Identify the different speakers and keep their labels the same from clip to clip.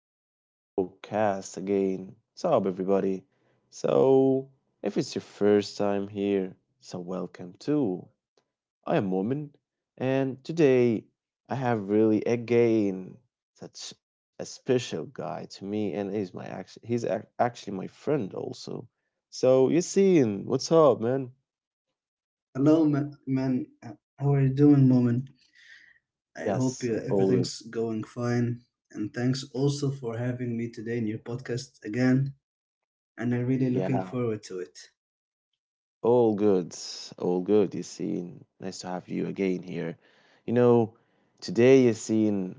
Speaker 1: welcome to the podcast again. What's up, everybody? So, if it's your first time here, so welcome too. I am Momin, and today I have really again such a special guy to me, and he's my act- he's ac- actually my friend also. So, you seen what's up, man?
Speaker 2: Hello, man. How are you doing, Moment? I hope
Speaker 1: Yes, all good.
Speaker 2: everything's going fine. And thanks also for having me today in your podcast again. And I'm really looking
Speaker 1: Yeah.
Speaker 2: forward to it.
Speaker 1: All good, all good, Yassine. Nice to have you again here. You know, Today, Yassine,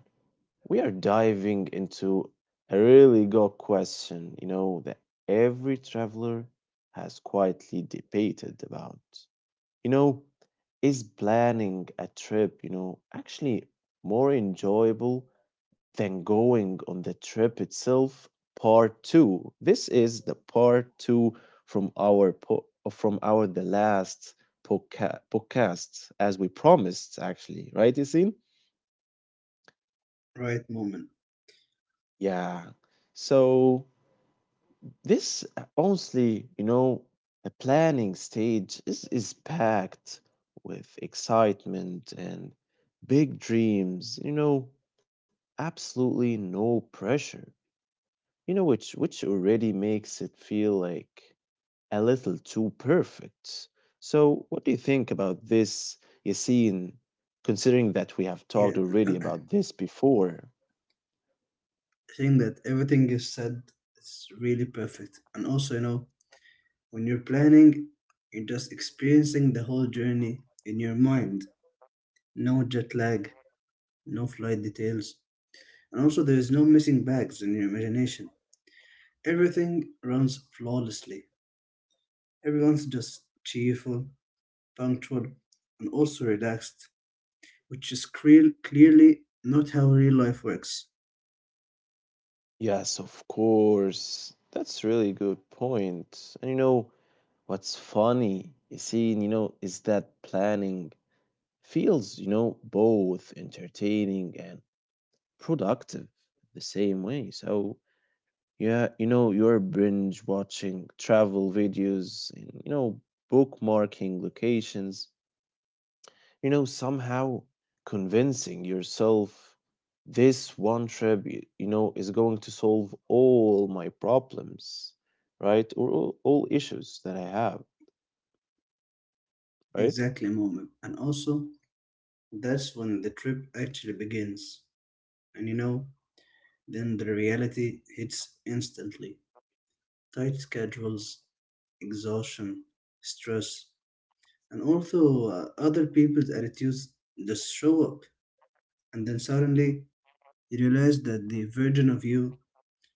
Speaker 1: we are diving into a really good question, that every traveler has quietly debated about. You know, is planning a trip, actually more enjoyable than going on the trip itself? Part two. This is the part two from our the last podcast, as we promised, actually, right, Yasin?
Speaker 2: Right, Moment.
Speaker 1: Yeah. So this honestly, the planning stage is packed with excitement and big dreams, absolutely no pressure. Which already makes it feel like a little too perfect. So what do you think about this, Yassine, considering that we have talked
Speaker 2: Yeah,
Speaker 1: already
Speaker 2: I
Speaker 1: about this before?
Speaker 2: think that everything you said is really perfect. And also, you know, when you're planning, you're just experiencing the whole journey in your mind. No jet lag, no flight details. And also, there's no missing bags in your imagination. Everything runs flawlessly. Everyone's just cheerful, punctual, and also relaxed, which is clearly not how real life works
Speaker 1: Yes, of course. That's really good point. And what's funny, Yasin, is that planning feels, both entertaining and productive the same way. So, yeah, you're binge watching travel videos and, bookmarking locations, somehow convincing yourself this one trip, is going to solve all my problems, right? Or all issues that I have,
Speaker 2: in
Speaker 1: right?
Speaker 2: that moment. And also, that's when the trip actually begins. And you know, then the reality hits instantly. Tight schedules, exhaustion, stress, and also other people's attitudes just show up. And then suddenly, you realize that the version of you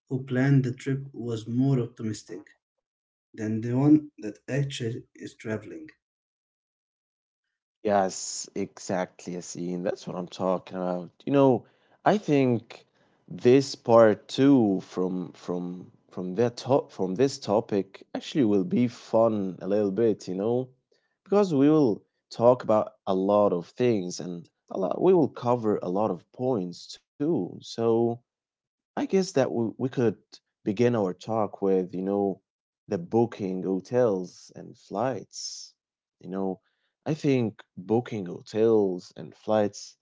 Speaker 2: who planned the trip was more optimistic than the one that actually is traveling.
Speaker 1: Yes, exactly, Yasin. That's what I'm talking about. I think this part two from this topic actually will be fun a little bit, because we will talk about a lot of things and we will cover a lot of points too. So I guess that we could begin our talk with, the booking hotels and flights. You know, I think booking hotels and flights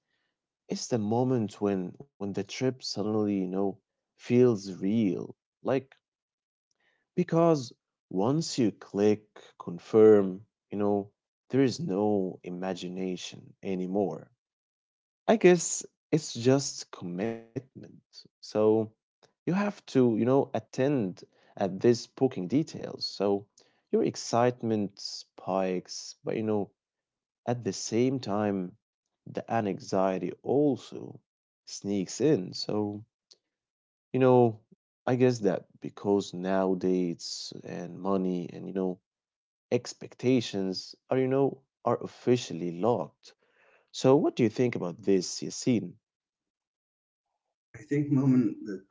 Speaker 1: is the moment when the trip suddenly, feels real. Like because once you click confirm, you know, there is no imagination anymore. I guess it's just commitment. So you have to, attend at these booking details. So your excitement spikes, but at the same time, the anxiety also sneaks in. So, you know, I guess that because now dates and money and, expectations are, are officially locked. So what do you think about this, Yassine?
Speaker 2: I think, Moment, that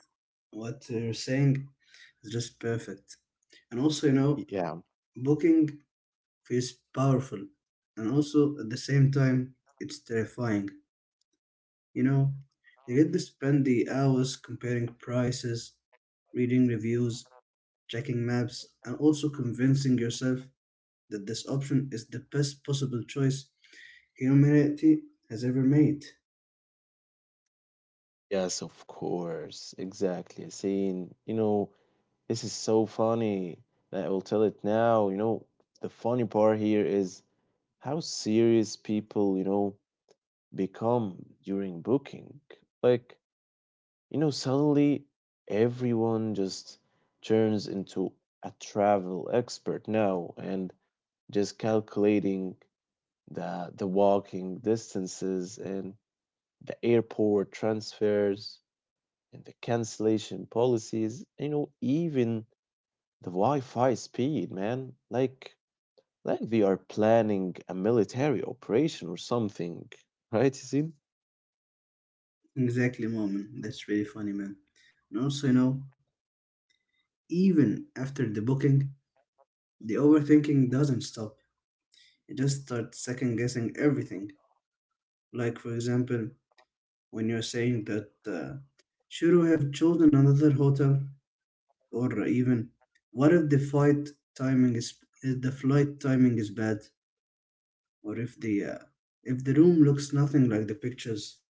Speaker 2: what you're saying is just perfect. And also, you know,
Speaker 1: Yeah.
Speaker 2: booking feels powerful. And also, at the same time, it's terrifying. You know, you get to spend the hours comparing prices, reading reviews, checking maps, and also convincing yourself that this option is the best possible choice humanity has ever made.
Speaker 1: Yes, of course. Exactly. Saying, this is so funny that I will tell it now. The funny part here is how serious people, become during booking. Like, suddenly everyone just turns into a travel expert now and just calculating the walking distances and the airport transfers and the cancellation policies, even the Wi-Fi speed, man. Like they are planning a military operation or something, right, Yasin?
Speaker 2: Exactly, Moment. That's really funny, man. And also, you know, even after the booking, the overthinking doesn't stop. You just start second guessing everything. Like, for example, when you're saying that, should we have chosen another hotel? Or even, what if the flight timing is if the flight timing is bad? Or if the room looks nothing like the pictures?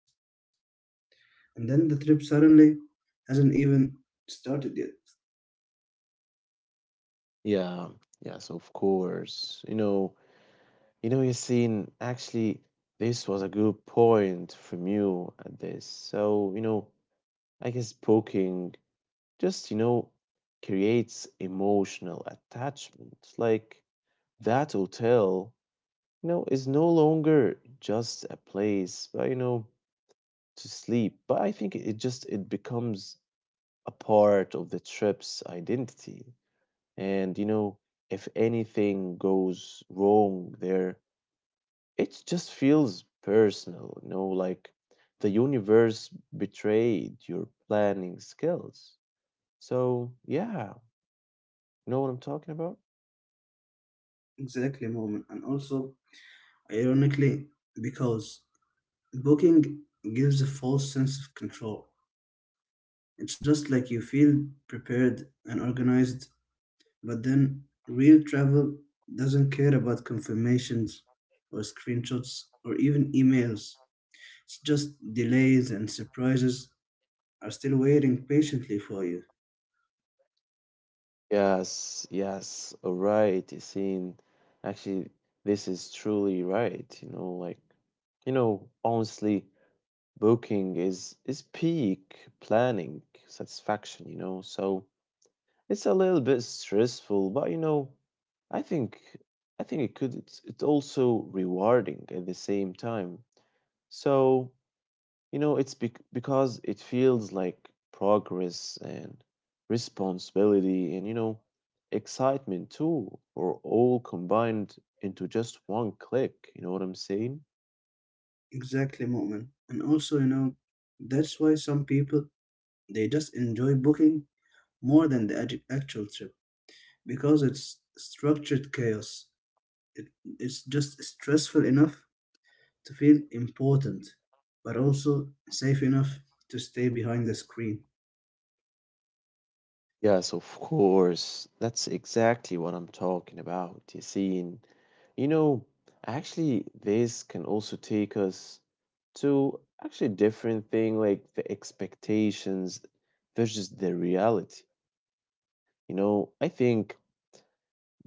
Speaker 2: And then the trip suddenly hasn't even started yet.
Speaker 1: Yeah, yes, of course. Yasin, actually this was a good point from you at this. So, I guess poking just, creates emotional attachment. Like that hotel is no longer just a place, but, to sleep. But I think it just it becomes a part of the trip's identity. And if anything goes wrong there, it just feels personal, like the universe betrayed your planning skills. So yeah, you know what I'm talking about?
Speaker 2: Exactly, moment. And also, Ironically, because booking gives a false sense of control. It's just like you feel prepared and organized, but then real travel doesn't care about confirmations or screenshots or even emails. It's just delays and surprises are still waiting patiently for you.
Speaker 1: Yes, yes, all right, Yasin. Actually, this is truly right. Like, honestly, booking is peak planning satisfaction. So it's a little bit stressful, but I think I think it could it's also rewarding at the same time. So it's because it feels like progress and responsibility and, excitement too, or all combined into just one click. You know what I'm saying?
Speaker 2: Exactly, Moment. And also, you know, that's why some people they just enjoy booking more than the actual trip because it's structured chaos. It, it's just stressful enough to feel important, but also safe enough to stay behind the screen.
Speaker 1: Yes, of course. That's exactly what I'm talking about. You see, and, you know, actually, this can also take us to actually different thing like the expectations versus the reality. I think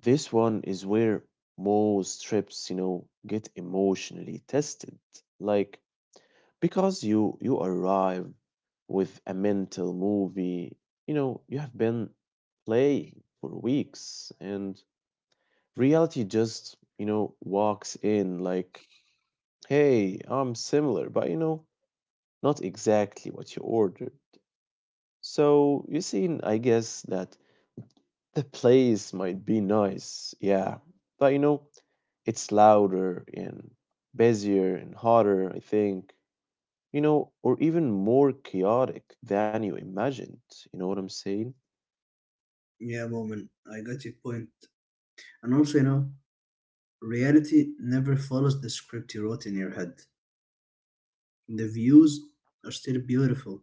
Speaker 1: this one is where most trips, get emotionally tested. Like because you arrive with a mental movie, you have been playing for weeks and reality just, walks in like, "Hey, I'm similar, but not exactly what you ordered." So, you see, I guess that the place might be nice, yeah, but it's louder and busier and hotter, I think, or even more chaotic than you imagined. You know what I'm saying?
Speaker 2: Yeah, Moment, I got your point. And also, you know, reality never follows the script you wrote in your head. The views are still beautiful,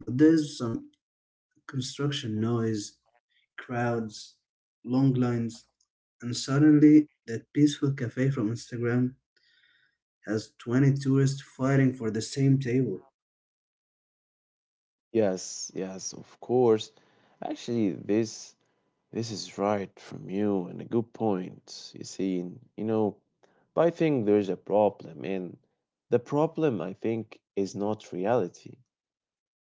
Speaker 2: but there's some construction noise, crowds, long lines, and suddenly that peaceful cafe from Instagram has 20 tourists fighting for the same table.
Speaker 1: Yes, yes, of course. Actually, this is right from you and a good point. You see, and, but I think there's a problem, and the problem I think is not reality.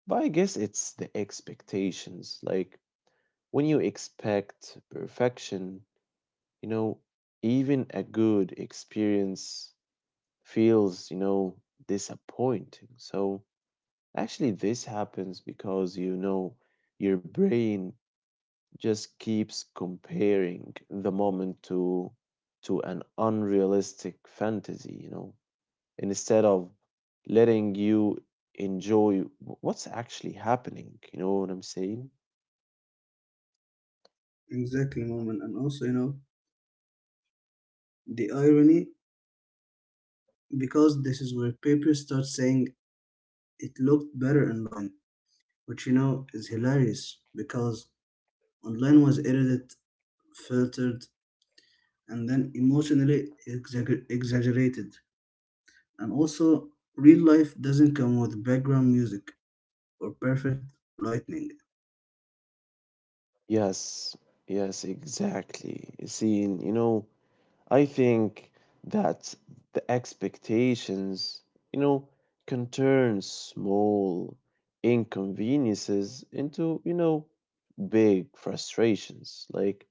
Speaker 1: But I guess it's the expectations. Like when you expect perfection, you know, even a good experience feels, disappointing. So actually, this happens because, your brain just keeps comparing the moment to an unrealistic fantasy, instead of letting you enjoy what's actually happening. You know what I'm saying?
Speaker 2: Exactly, moment. And also, you know, the irony, because this is where people start saying it looked better online, which, you know, is hilarious because online was edited, filtered, and then emotionally exaggerated. And also, real life doesn't come with background music or perfect lightning.
Speaker 1: Yes, yes, exactly. See, and, I think that the expectations, you know, can turn small inconveniences into, big frustrations. Like,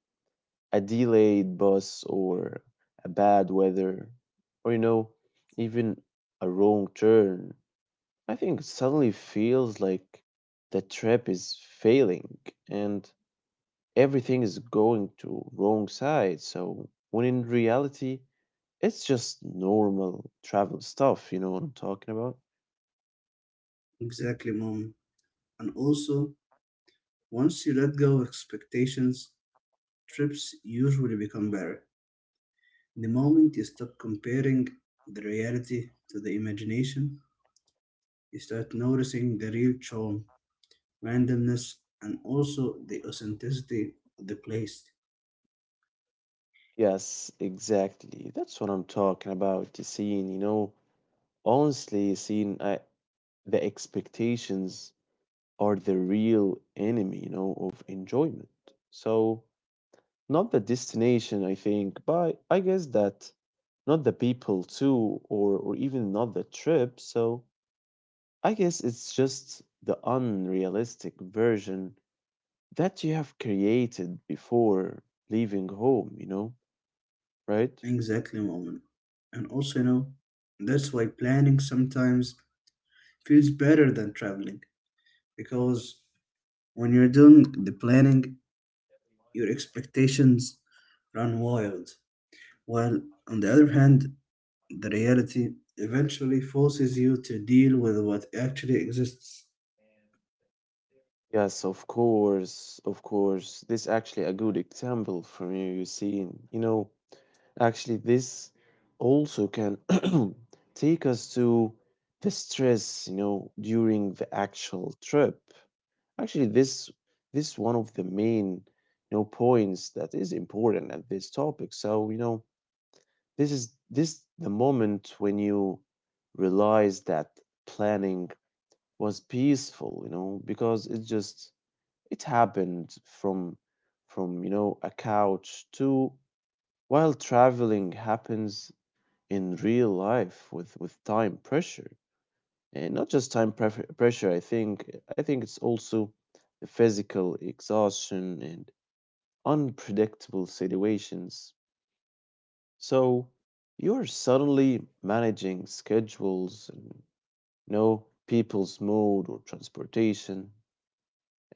Speaker 1: a delayed bus or a bad weather or even a wrong turn, I think it suddenly feels like the trip is failing and everything is going to wrong side. So when in reality it's just normal travel stuff. You know what I'm talking about?
Speaker 2: Exactly, mom. And also, once you let go of expectations, trips usually become better. The moment you stop comparing the reality to the imagination, you start noticing the real charm, randomness, and also the authenticity of the place.
Speaker 1: Yes, exactly. That's what I'm talking about. The, you know honestly seeing, the expectations are the real enemy, of enjoyment. So, not the destination, I think, but I guess that not the people too, or even not the trip. So, I guess it's just the unrealistic version that you have created before leaving home, right?
Speaker 2: Exactly, moment. And also, you know, that's why planning sometimes feels better than traveling because when you're doing the planning, your expectations run wild. While on the other hand, the reality eventually forces you to deal with what actually exists.
Speaker 1: Yes, of course, of course. This actually a good example from you, you see, actually, this also can take us to the stress, during the actual trip. Actually, this one of the main, points that is important at this topic. So, this is this the moment when you realize that planning was peaceful, because it just it happened from a couch to while traveling happens in real life with time pressure and not just pressure. I think it's also the physical exhaustion and unpredictable situations. So you're suddenly managing schedules and know people's mood or transportation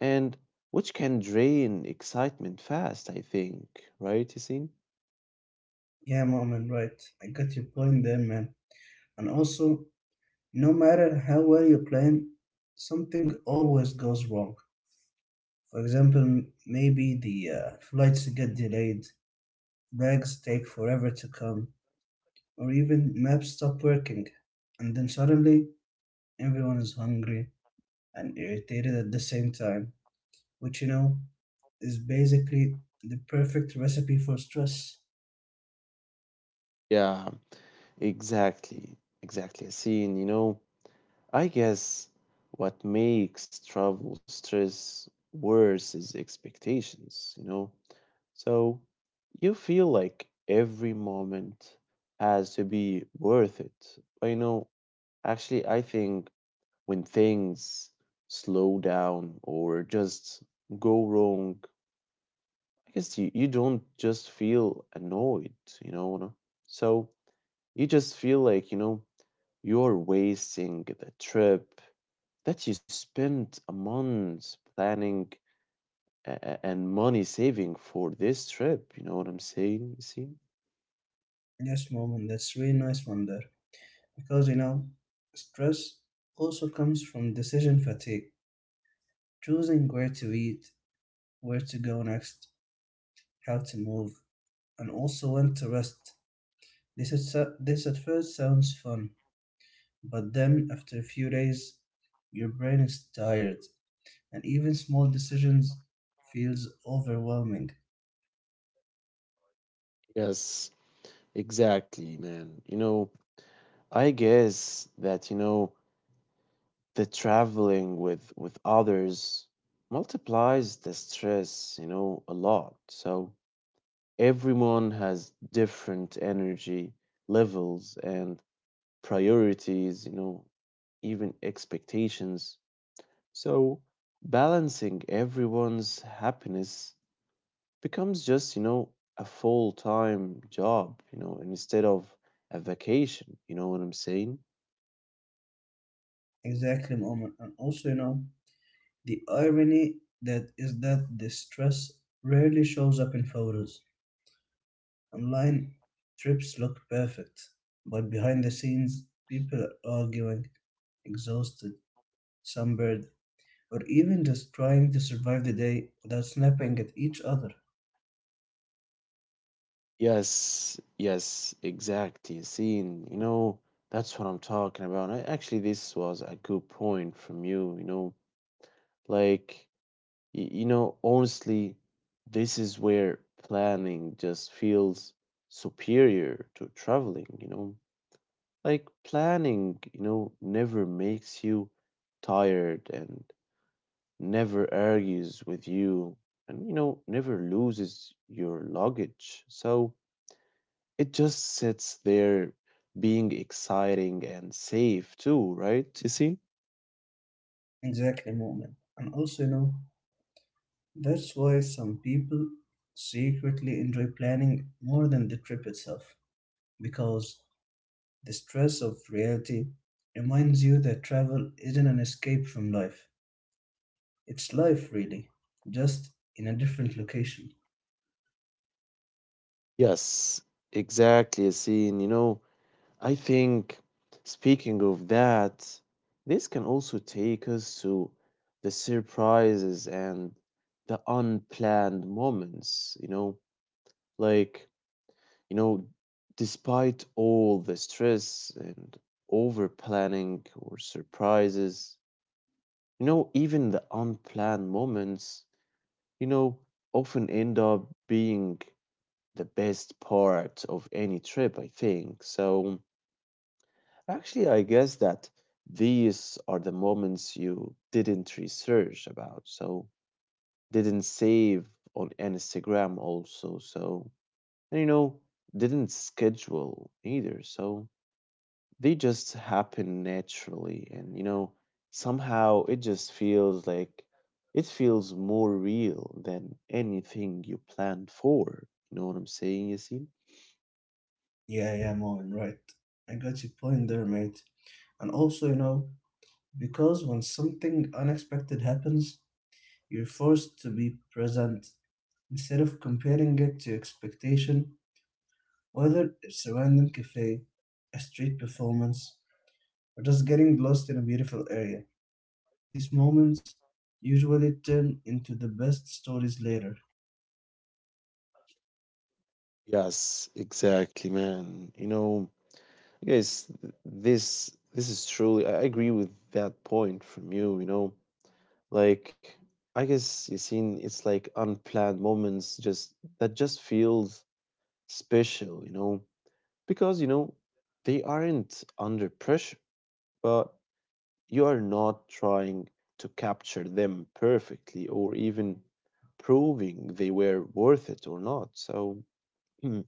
Speaker 1: and which can drain excitement fast, I think, right, you.
Speaker 2: Yeah, mom, and right. I got your point there, man. And also, no matter how well you plan, something always goes wrong. For example, maybe the flights get delayed, bags take forever to come, or even maps stop working. And then suddenly, everyone is hungry and irritated at the same time, which you know is basically the perfect recipe for stress.
Speaker 1: Yeah, exactly exactly, a scene. I guess what makes travel stress worse is expectations, you know? So you feel like every moment has to be worth it. I know, actually, I think when things slow down or just go wrong, I guess you don't just feel annoyed, you know? No? So you just feel like, you're wasting the trip that you spent a month planning and money saving for this trip. You know what I'm saying? You see?
Speaker 2: Yes, moment, that's really nice one there. Because you know, stress also comes from decision fatigue, choosing where to eat, where to go next, how to move, and also when to rest. This at first sounds fun, but then after a few days, your brain is tired, and even small decisions feels overwhelming.
Speaker 1: Yes, exactly. Man, I guess that, the traveling with others multiplies the stress, a lot. So everyone has different energy levels and priorities, even expectations. So balancing everyone's happiness becomes just, a full time job, instead of a vacation. You know what I'm saying?
Speaker 2: Exactly, moment. And also, you know, the irony that is that this stress rarely shows up in photos. Online trips look perfect, but behind the scenes, people are arguing, exhausted, sunburned, or even just trying to survive the day without snapping at each other.
Speaker 1: Yes, yes, exactly. Seeing, that's what I'm talking about. Actually, this was a good point from you, like, honestly, this is where planning just feels superior to traveling, like planning, never makes you tired and never argues with you and, never loses your luggage. So it just sits there being exciting and safe too, right, Yassine?
Speaker 2: Exactly, moment. And also, you know, that's why some people secretly enjoy planning more than the trip itself because the stress of reality reminds you that travel isn't an escape from life. It's life, really, just in a different location.
Speaker 1: Yes, exactly, Yassine. I think, speaking of that, this can also take us to the surprises and the unplanned moments, like, you know, despite all the stress and over planning or surprises, even the unplanned moments, you know, often end up being the best part of any trip, I think. So, actually, I guess that these are the moments you didn't research about, so didn't save on Instagram also, so and didn't schedule either, so they just happen naturally and somehow it feels more real than anything you planned for. You know what I'm saying, Yasin?
Speaker 2: Yeah, yeah, Marvin, right. I got your point there, mate. And also, you know, because when something unexpected happens, you're forced to be present instead of comparing it to expectation, whether it's a random cafe, a street performance, or just getting lost in a beautiful area. These moments usually turn into the best stories later.
Speaker 1: Yes, exactly, man. Yes, this is truly. I agree with that point from you. Like I guess you seen it's like unplanned moments, just that just feels special. You know, because they aren't under pressure, but you are not trying to capture them perfectly or even proving they were worth it or not. So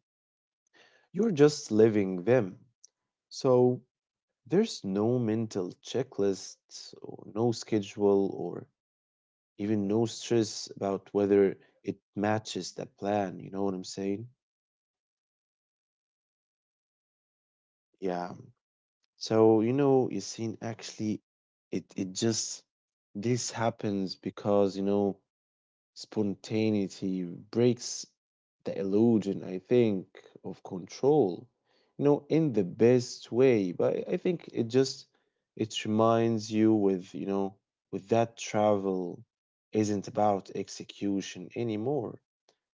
Speaker 1: you're just living them. So there's no mental checklist, or no schedule, or even no stress about whether it matches the plan. You know what I'm saying? Yeah. So, Yassine, actually, it, it just, this happens because, spontaneity breaks the illusion, I think, of control, you know, in the best way. But I think it just it reminds you with, with that travel isn't about execution anymore.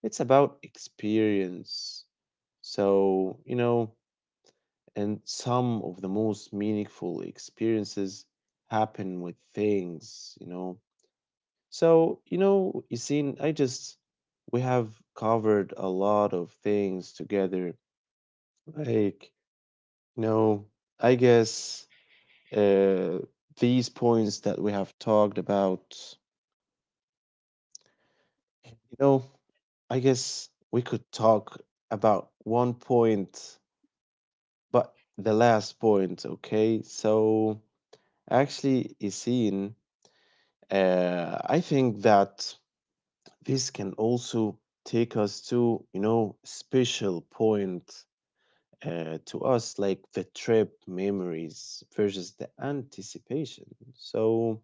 Speaker 1: It's about experience. So, you know, and some of the most meaningful experiences happen with things, so, Isin, I just, we have covered a lot of things together. Like, you know, I guess uh, these points that we have talked about, you know, I guess we could talk about one point, but the last point, okay? So, actually, Isin, I think that this can also take us to, you know, special point to us, like the trip memories versus the anticipation. So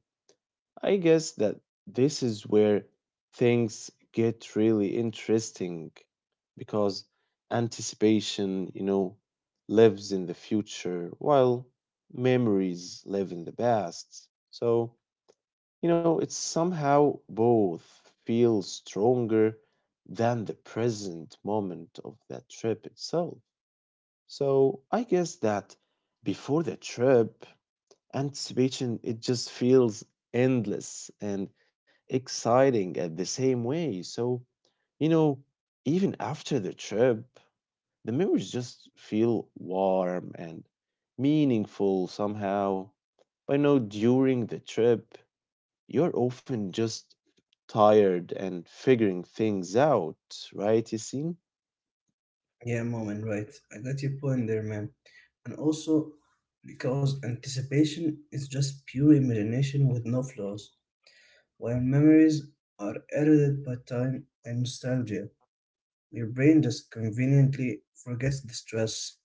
Speaker 1: I guess that this is where things get really interesting because anticipation, you know, lives in the future while memories live in the past. So you know, it somehow both feel stronger than the present moment of that trip itself. So I guess that before the trip, anticipation it just feels endless and exciting at the same way. So, you know, even after the trip, the memories just feel warm and meaningful somehow. I know during the trip, you're often just tired and figuring things out, right, Yasin?
Speaker 2: Yeah, moment, right. I got your point there, man. And also because anticipation is just pure imagination with no flaws, while memories are eroded by time and nostalgia. Your brain just conveniently forgets the stress,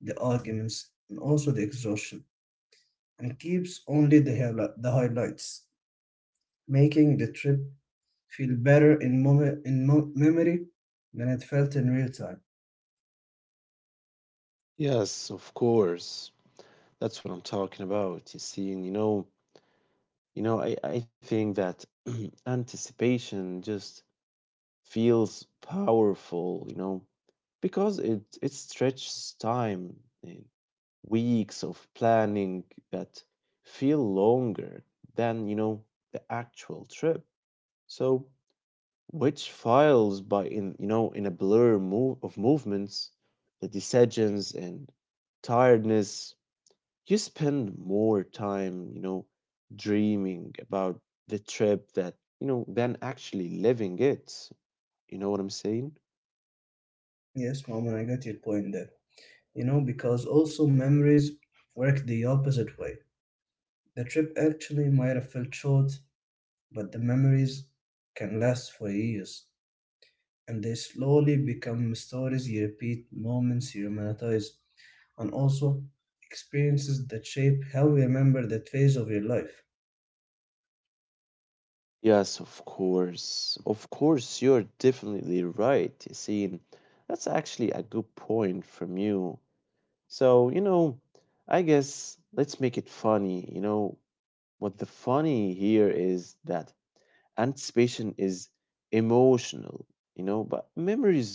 Speaker 2: the arguments, and also the exhaustion, and keeps only the highlights, making the trip feel better in moment in mo- memory than it felt in real time.
Speaker 1: Yes, of course. That's what I'm talking about, Yasin. You know, I think that anticipation just feels powerful, you know, because it stretches time in weeks of planning that feel longer than, you know, the actual trip. So which files by in you know in a blur move of movements the decisions and tiredness you spend more time you know dreaming about the trip that you know than actually living it, you know what I'm saying?
Speaker 2: Yes, mom, and I got your point there. You know, because also memories work the opposite way. The trip actually might have felt short, but the memories can last for years, and they slowly become stories you repeat, moments you romanticize, and also experiences that shape how you remember that phase of your life.
Speaker 1: Yes, of course, you're definitely right, Yassine. That's actually a good point from you. So you know, I guess let's make it funny, you know. But the funny here is that anticipation is emotional, you know, but memories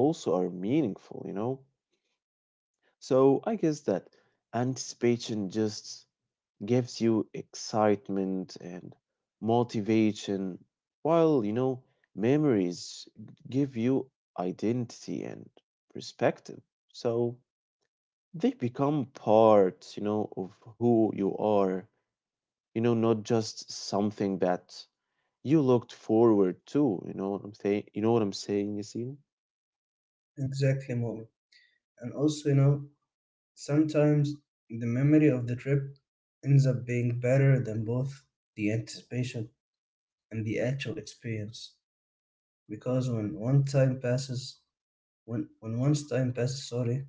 Speaker 1: also are meaningful, you know. So I guess that anticipation just gives you excitement and motivation, while, you know, memories give you identity and perspective. So they become part, you know, of who you are, you know, not just something that you looked forward to. You know what I'm saying? You know what I'm saying, Yasin?
Speaker 2: Exactly, mom. And also, you know, sometimes the memory of the trip ends up being better than both the anticipation and the actual experience. Because when one's time passes, sorry,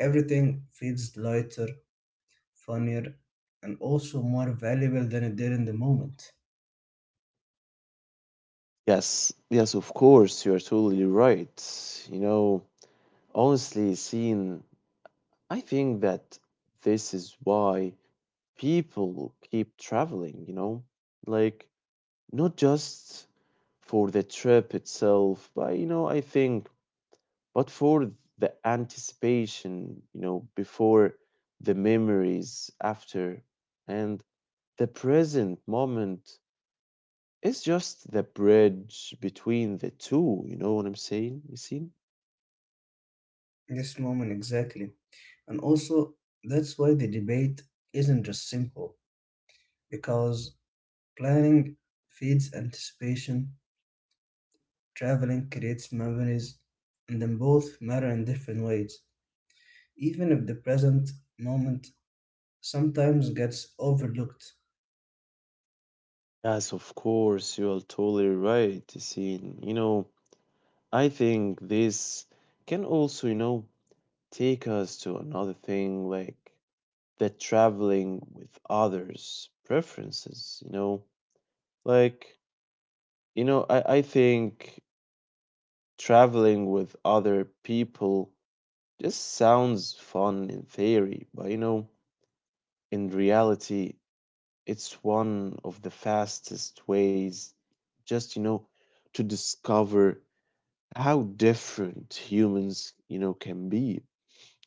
Speaker 2: everything feels lighter, funnier, and also more valuable than it did in the moment.
Speaker 1: Yes, yes, of course, you are totally right. You know, honestly, Yasin, I think that this is why people keep traveling, you know? Like, not just for the trip itself, but, you know, I think, but for the anticipation, you know, before the memories after and the present moment. It's just the bridge between the two, you know what I'm saying, Yasin?
Speaker 2: This moment exactly. And also, that's why the debate isn't just simple, because planning feeds anticipation, traveling creates memories, and then both matter in different ways, even if the present moment sometimes gets overlooked.
Speaker 1: Yes, of course, you are totally right, Yasin. You know, I think this can also, you know, take us to another thing like the traveling with others' preferences, you know? Like, you know, I think traveling with other people just sounds fun in theory, but you know, in reality, it's one of the fastest ways just, you know, to discover how different humans, you know, can be.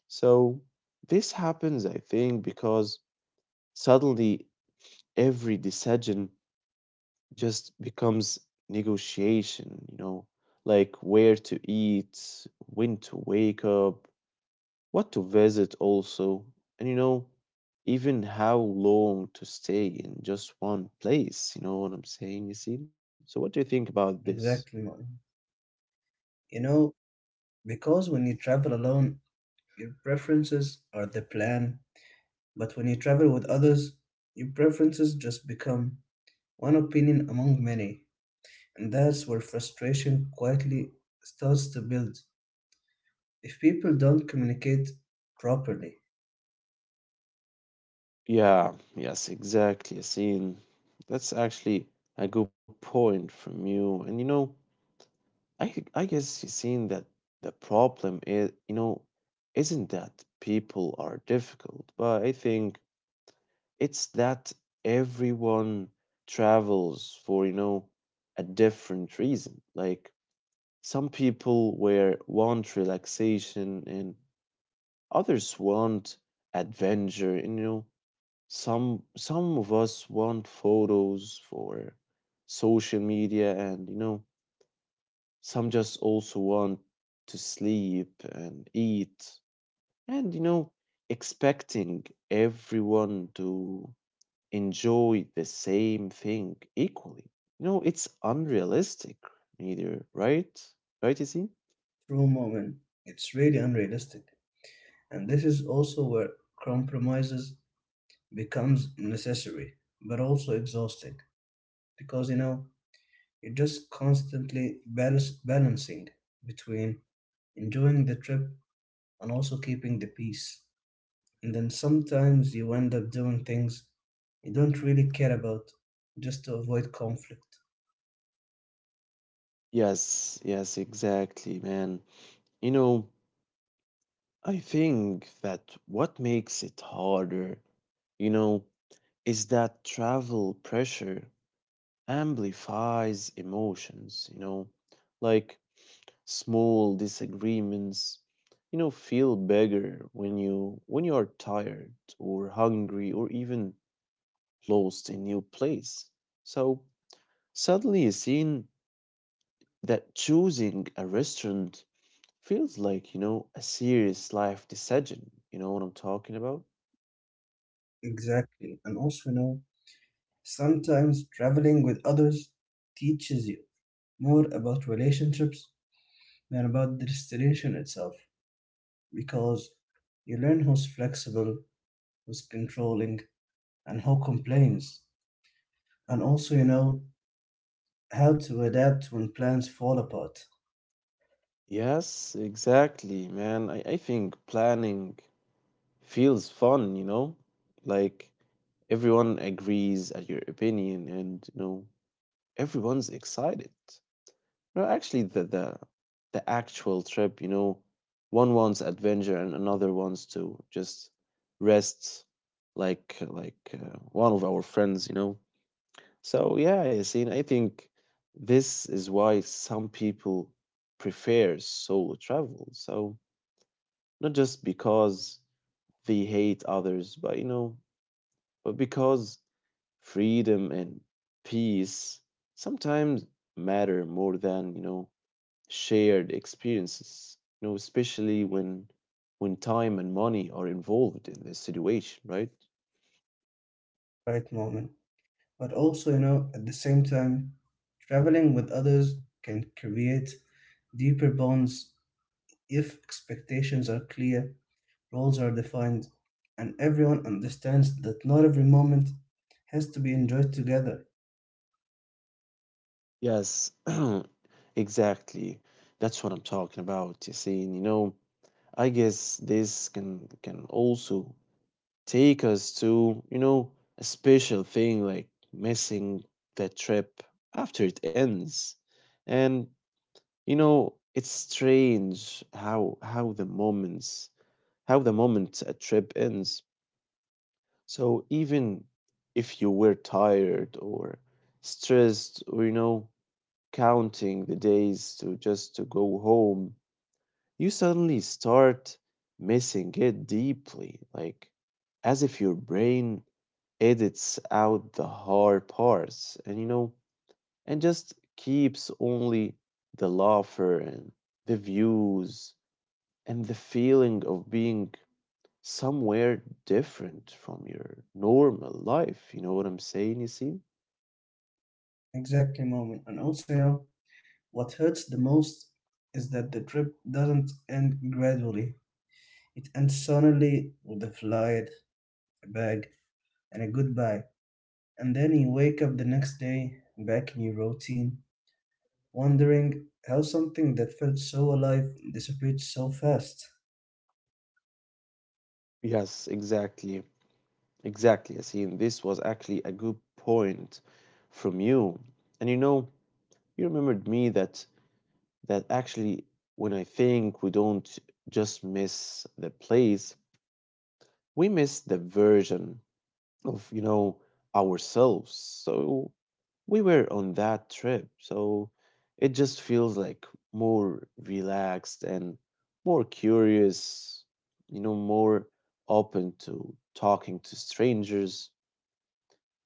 Speaker 1: So this happens, I think, because suddenly every decision just becomes negotiation, you know, like where to eat, when to wake up, what to visit also, and you know, even how long to stay in just one place. You know what I'm saying, Yassine? So, what do you think about this?
Speaker 2: Exactly, Martin. You know, because when you travel alone, your preferences are the plan, but when you travel with others, your preferences just become one opinion among many, and that's where frustration quietly starts to build. If people don't communicate properly,
Speaker 1: Yeah, yes, exactly, Yassine. That's actually a good point from you. And you know, I guess, Yassine, that the problem is, you know, isn't that people are difficult, but I think it's that everyone travels for, you know, a different reason. Like some people where want relaxation and others want adventure, and you know, some of us want photos for social media and you know, some just also want to sleep and eat and you know, expecting everyone to enjoy the same thing equally. You know, it's unrealistic, neither, right? Right, Yasin?
Speaker 2: through moment, it's really unrealistic. And this is also where compromises becomes necessary, but also exhausting, because you know you're just constantly balancing between enjoying the trip and also keeping the peace. And then sometimes you end up doing things you don't really care about just to avoid conflict.
Speaker 1: Yes, yes, exactly, man. You know, I think that what makes it harder, you know, is that travel pressure amplifies emotions, you know, like small disagreements, you know, feel bigger when you are tired or hungry or even lost in new place. So suddenly you seen that choosing a restaurant feels like, you know, a serious life decision. You know what I'm talking about?
Speaker 2: Exactly. And also, you know, sometimes traveling with others teaches you more about relationships than about the destination itself, because you learn who's flexible, who's controlling, and who complains. And also, you know, how to adapt when plans fall apart,
Speaker 1: Yes, exactly, man. I think planning feels fun, you know? Like everyone agrees at your opinion and you know everyone's excited. No, actually, the actual trip, you know, one wants adventure and another wants to just rest, like like one of our friends, you know. So yeah, Yasin, I think this is why some people prefer solo travel. So not just because they hate others, but you know, but because freedom and peace sometimes matter more than you know shared experiences, you know, especially when time and money are involved in this situation, right?
Speaker 2: right, moment. But also, you know, at the same time, traveling with others can create deeper bonds if expectations are clear, roles are defined, and everyone understands that not every moment has to be enjoyed together.
Speaker 1: Yes, exactly, that's what I'm talking about, you see. And you know, I guess this can also take us to, you know, a special thing like missing the trip after it ends. And you know, it's strange how the moments how the moment a trip ends. So even if you were tired or stressed or you know counting the days to just to go home, you suddenly start missing it deeply, like as if your brain edits out the hard parts and you know and just keeps only the laughter and the views and the feeling of being somewhere different from your normal life. You know what I'm saying, you see?
Speaker 2: Exactly, moment. And also, you know, what hurts the most is that the trip doesn't end gradually. It ends suddenly with a flight, a bag, and a goodbye. And then you wake up the next day back in your routine, wondering how something that felt so alive disappeared so fast.
Speaker 1: Yes, exactly. Exactly, Yasin. This was actually a good point from you. And you know, you remembered me that actually when I think we don't just miss the place, we miss the version of you know ourselves so we were on that trip so it just feels like more relaxed and more curious, you know, more open to talking to strangers,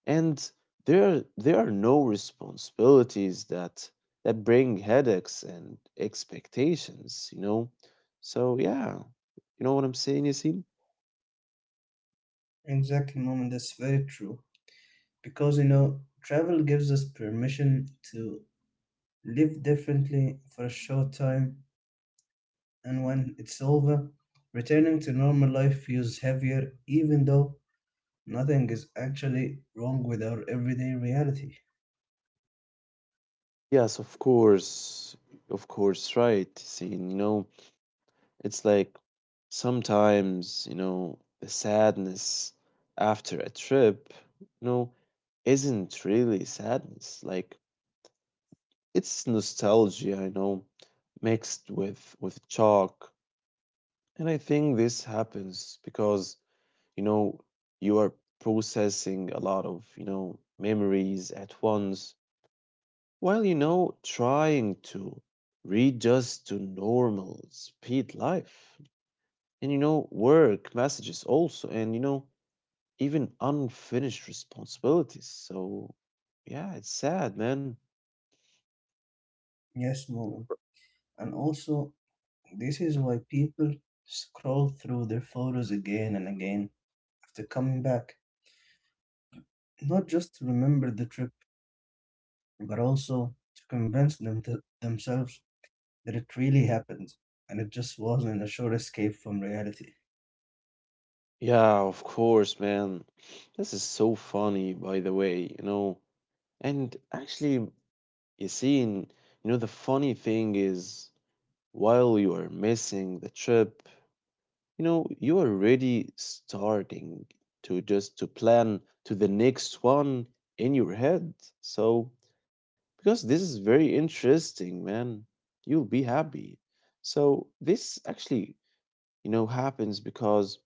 Speaker 1: and there are no responsibilities that bring headaches and expectations, you know. So yeah, you know what I'm saying, you see.
Speaker 2: Exactly, moment, that's very true. Because you know, travel gives us permission to live differently for a short time, and when it's over, returning to normal life feels heavier, even though nothing is actually wrong with our everyday reality.
Speaker 1: Yes, of course. Of course, right. See, you know, it's like sometimes, you know, the sadness after a trip, you know, isn't really sadness. Like it's nostalgia, you know, mixed with chalk. And I think this happens because, you know, you are processing a lot of, you know, memories at once. Well, you know, trying to readjust to normal speed life and, you know, work messages also, and, you know, even unfinished responsibilities. So, yeah, it's sad, man.
Speaker 2: Yes, mom. And also, this is why people scroll through their photos again and again after coming back. Not just to remember the trip, but also to convince themselves that it really happened and it just wasn't a short escape from reality.
Speaker 1: Yeah, of course, man. This is so funny, by the way, you know. And actually, you see, you know, the funny thing is, while you are missing the trip, you know you are already starting to just to plan to the next one in your head. So because this is very interesting, man, you'll be happy. So this actually, you know, happens because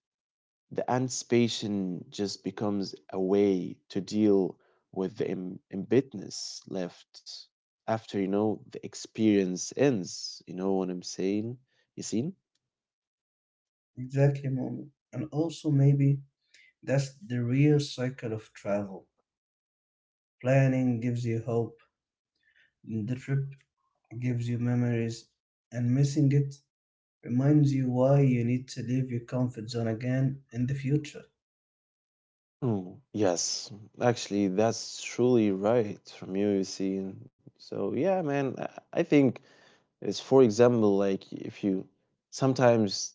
Speaker 1: the anticipation just becomes a way to deal with the embitness left after, you know, the experience ends, you know what I'm saying, you see.
Speaker 2: Exactly, mom. And also, maybe that's the real cycle of travel. Planning gives you hope, the trip gives you memories, and missing it reminds you why you need to leave your comfort zone again in the future.
Speaker 1: Oh, yes. Actually, that's truly right from you, you see. And so, yeah, man, I think it's, for example, like if you sometimes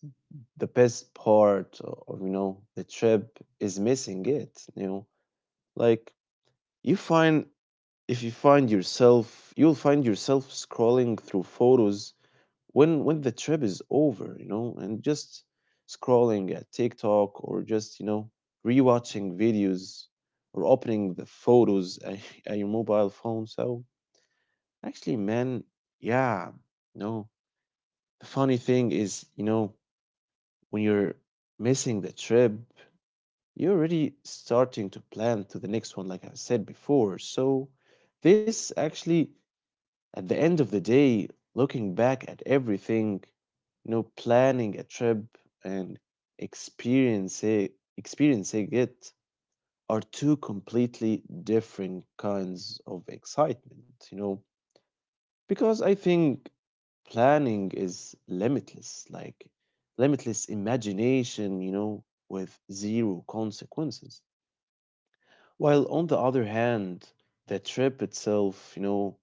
Speaker 1: the best part of, you know, the trip is missing it, you know, like you find if you find yourself, you'll find yourself scrolling through photos when the trip is over, you know, and just scrolling at TikTok or just you know rewatching videos or opening the photos at your mobile phone. So actually, man, yeah, no. The funny thing is, you know, when you're missing the trip, you're already starting to plan to the next one, like I said before. So this actually at the end of the day, looking back at everything, you know, planning a trip and experiencing it are two completely different kinds of excitement, you know, because I think planning is limitless, like limitless imagination, you know, with zero consequences. While on the other hand, the trip itself, you know,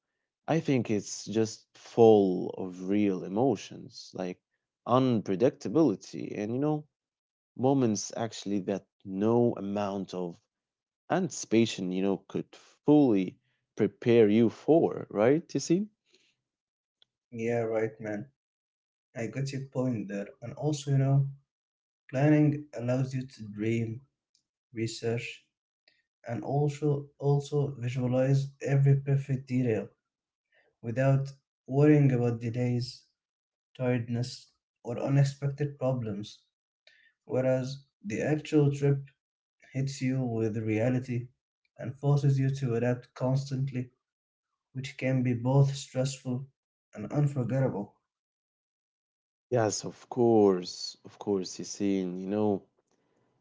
Speaker 1: I think it's just full of real emotions, like unpredictability and, you know, moments actually that no amount of anticipation, you know, could fully prepare you for, right? You see?
Speaker 2: Yeah, right, man. I got your point there. And also, you know, planning allows you to dream, research, and also visualize every perfect detail without worrying about delays, tiredness, or unexpected problems. Whereas the actual trip hits you with reality and forces you to adapt constantly, which can be both stressful and unforgettable.
Speaker 1: Yes, of course, Yassine, you know.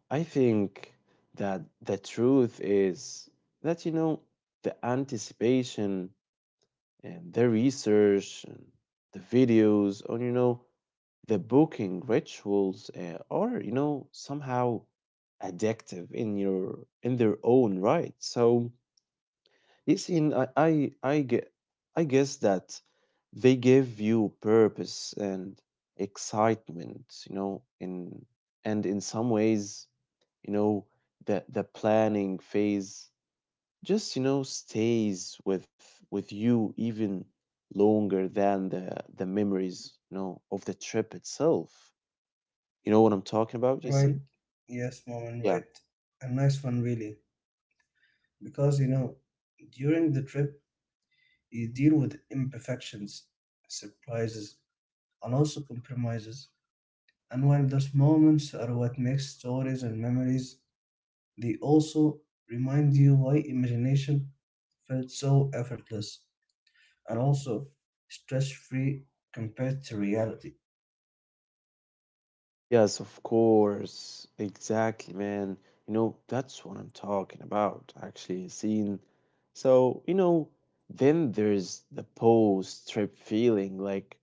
Speaker 1: I think that the truth is that, you know, the anticipation and the research and the videos on, you know, the booking rituals are, you know, somehow addictive in your in their own right. So listen, I guess that they give you purpose and excitement, you know, in and in some ways, you know, the planning phase just, you know, stays with you even longer than the memories, you know, of the trip itself. You know what I'm talking about, you
Speaker 2: Right?
Speaker 1: see?
Speaker 2: Yes, mom, and
Speaker 1: Yeah.
Speaker 2: right. A nice one, really. Because, you know, during the trip, you deal with imperfections, surprises, and also compromises. And while those moments are what makes stories and memories, they also remind you why imagination felt so effortless and also stress free compared to reality.
Speaker 1: Yes, of course. Exactly, man. You know, that's what I'm talking about, actually, seeing. So, you know, then there's the post-trip feeling, like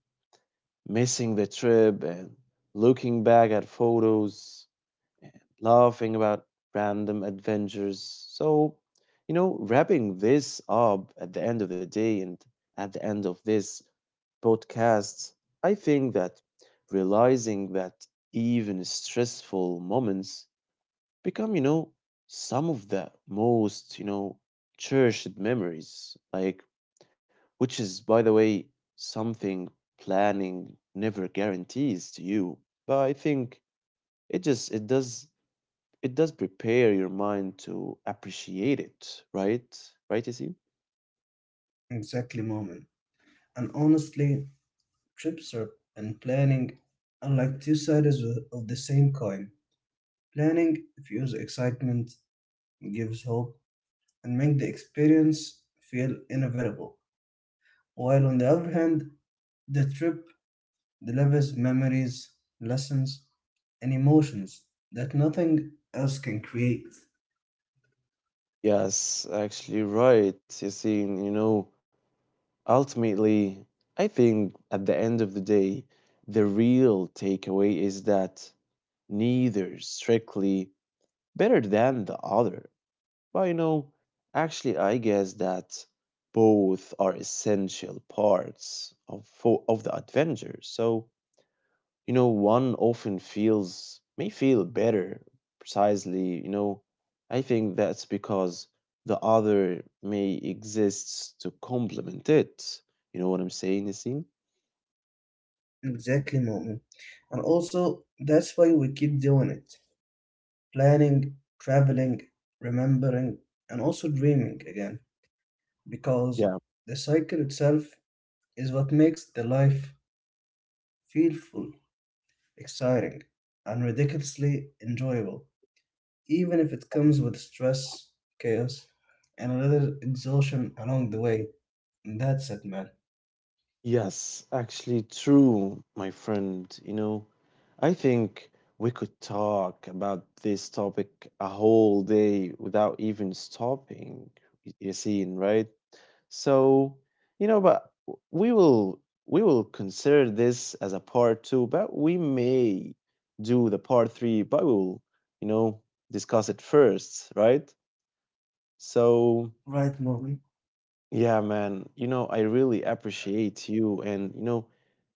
Speaker 1: missing the trip and looking back at photos laughing about random adventures. So, you know, wrapping this up at the end of the day and at the end of this podcast, I think that realizing that even stressful moments become, you know, some of the most, you know, cherished memories, like, which is, by the way, something planning never guarantees to you. But I think it just, it does prepare your mind to appreciate it, right? Right, you see?
Speaker 2: Exactly, moment. And honestly, trips are, and planning are like two sides of the same coin. Planning fuels excitement, gives hope, and makes the experience feel inevitable. While on the other hand, the trip delivers memories, lessons, and emotions that nothing else can create.
Speaker 1: Yes, actually, right. You see, you know, ultimately, I think at the end of the day, the real takeaway is that neither strictly better than the other. But, you know, actually, I guess that both are essential parts of, of the adventure. So, you know, one often feels may feel better precisely, you know. I think that's because the other may exists to complement it. You know what I'm saying, Nassim?
Speaker 2: Exactly, moment. And also, that's why we keep doing it: planning, traveling, remembering, and also dreaming again, because
Speaker 1: Yeah.
Speaker 2: the cycle itself is what makes the life feel full, exciting, and ridiculously enjoyable, even if it comes with stress, chaos, and a little exhaustion along the way. And that's it, man.
Speaker 1: Yes, actually true, my friend. You know, I think we could talk about this topic a whole day without even stopping. You see, right? So, you know, but we will we will consider this as a part two, but we may do the part three, but we will, you know, discuss it first, right? So,
Speaker 2: Right, Molly.
Speaker 1: yeah, man, you know, I really appreciate you. And, you know,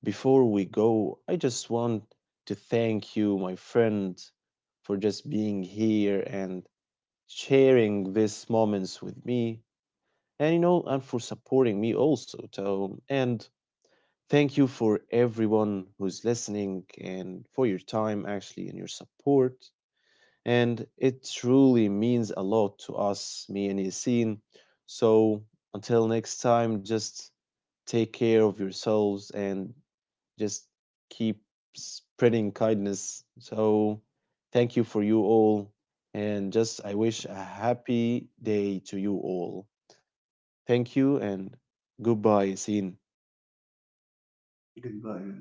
Speaker 1: before we go, I just want to thank you, my friend, for just being here and sharing these moments with me. And, you know, and for supporting me also, Tom. And thank you for everyone who's listening and for your time, actually, and your support. And it truly means a lot to us, me and Yasin. So until next time, just take care of yourselves and just keep spreading kindness. So thank you for you all. And just I wish a happy day to you all. Thank you and goodbye, Yasin.
Speaker 2: Goodbye, man.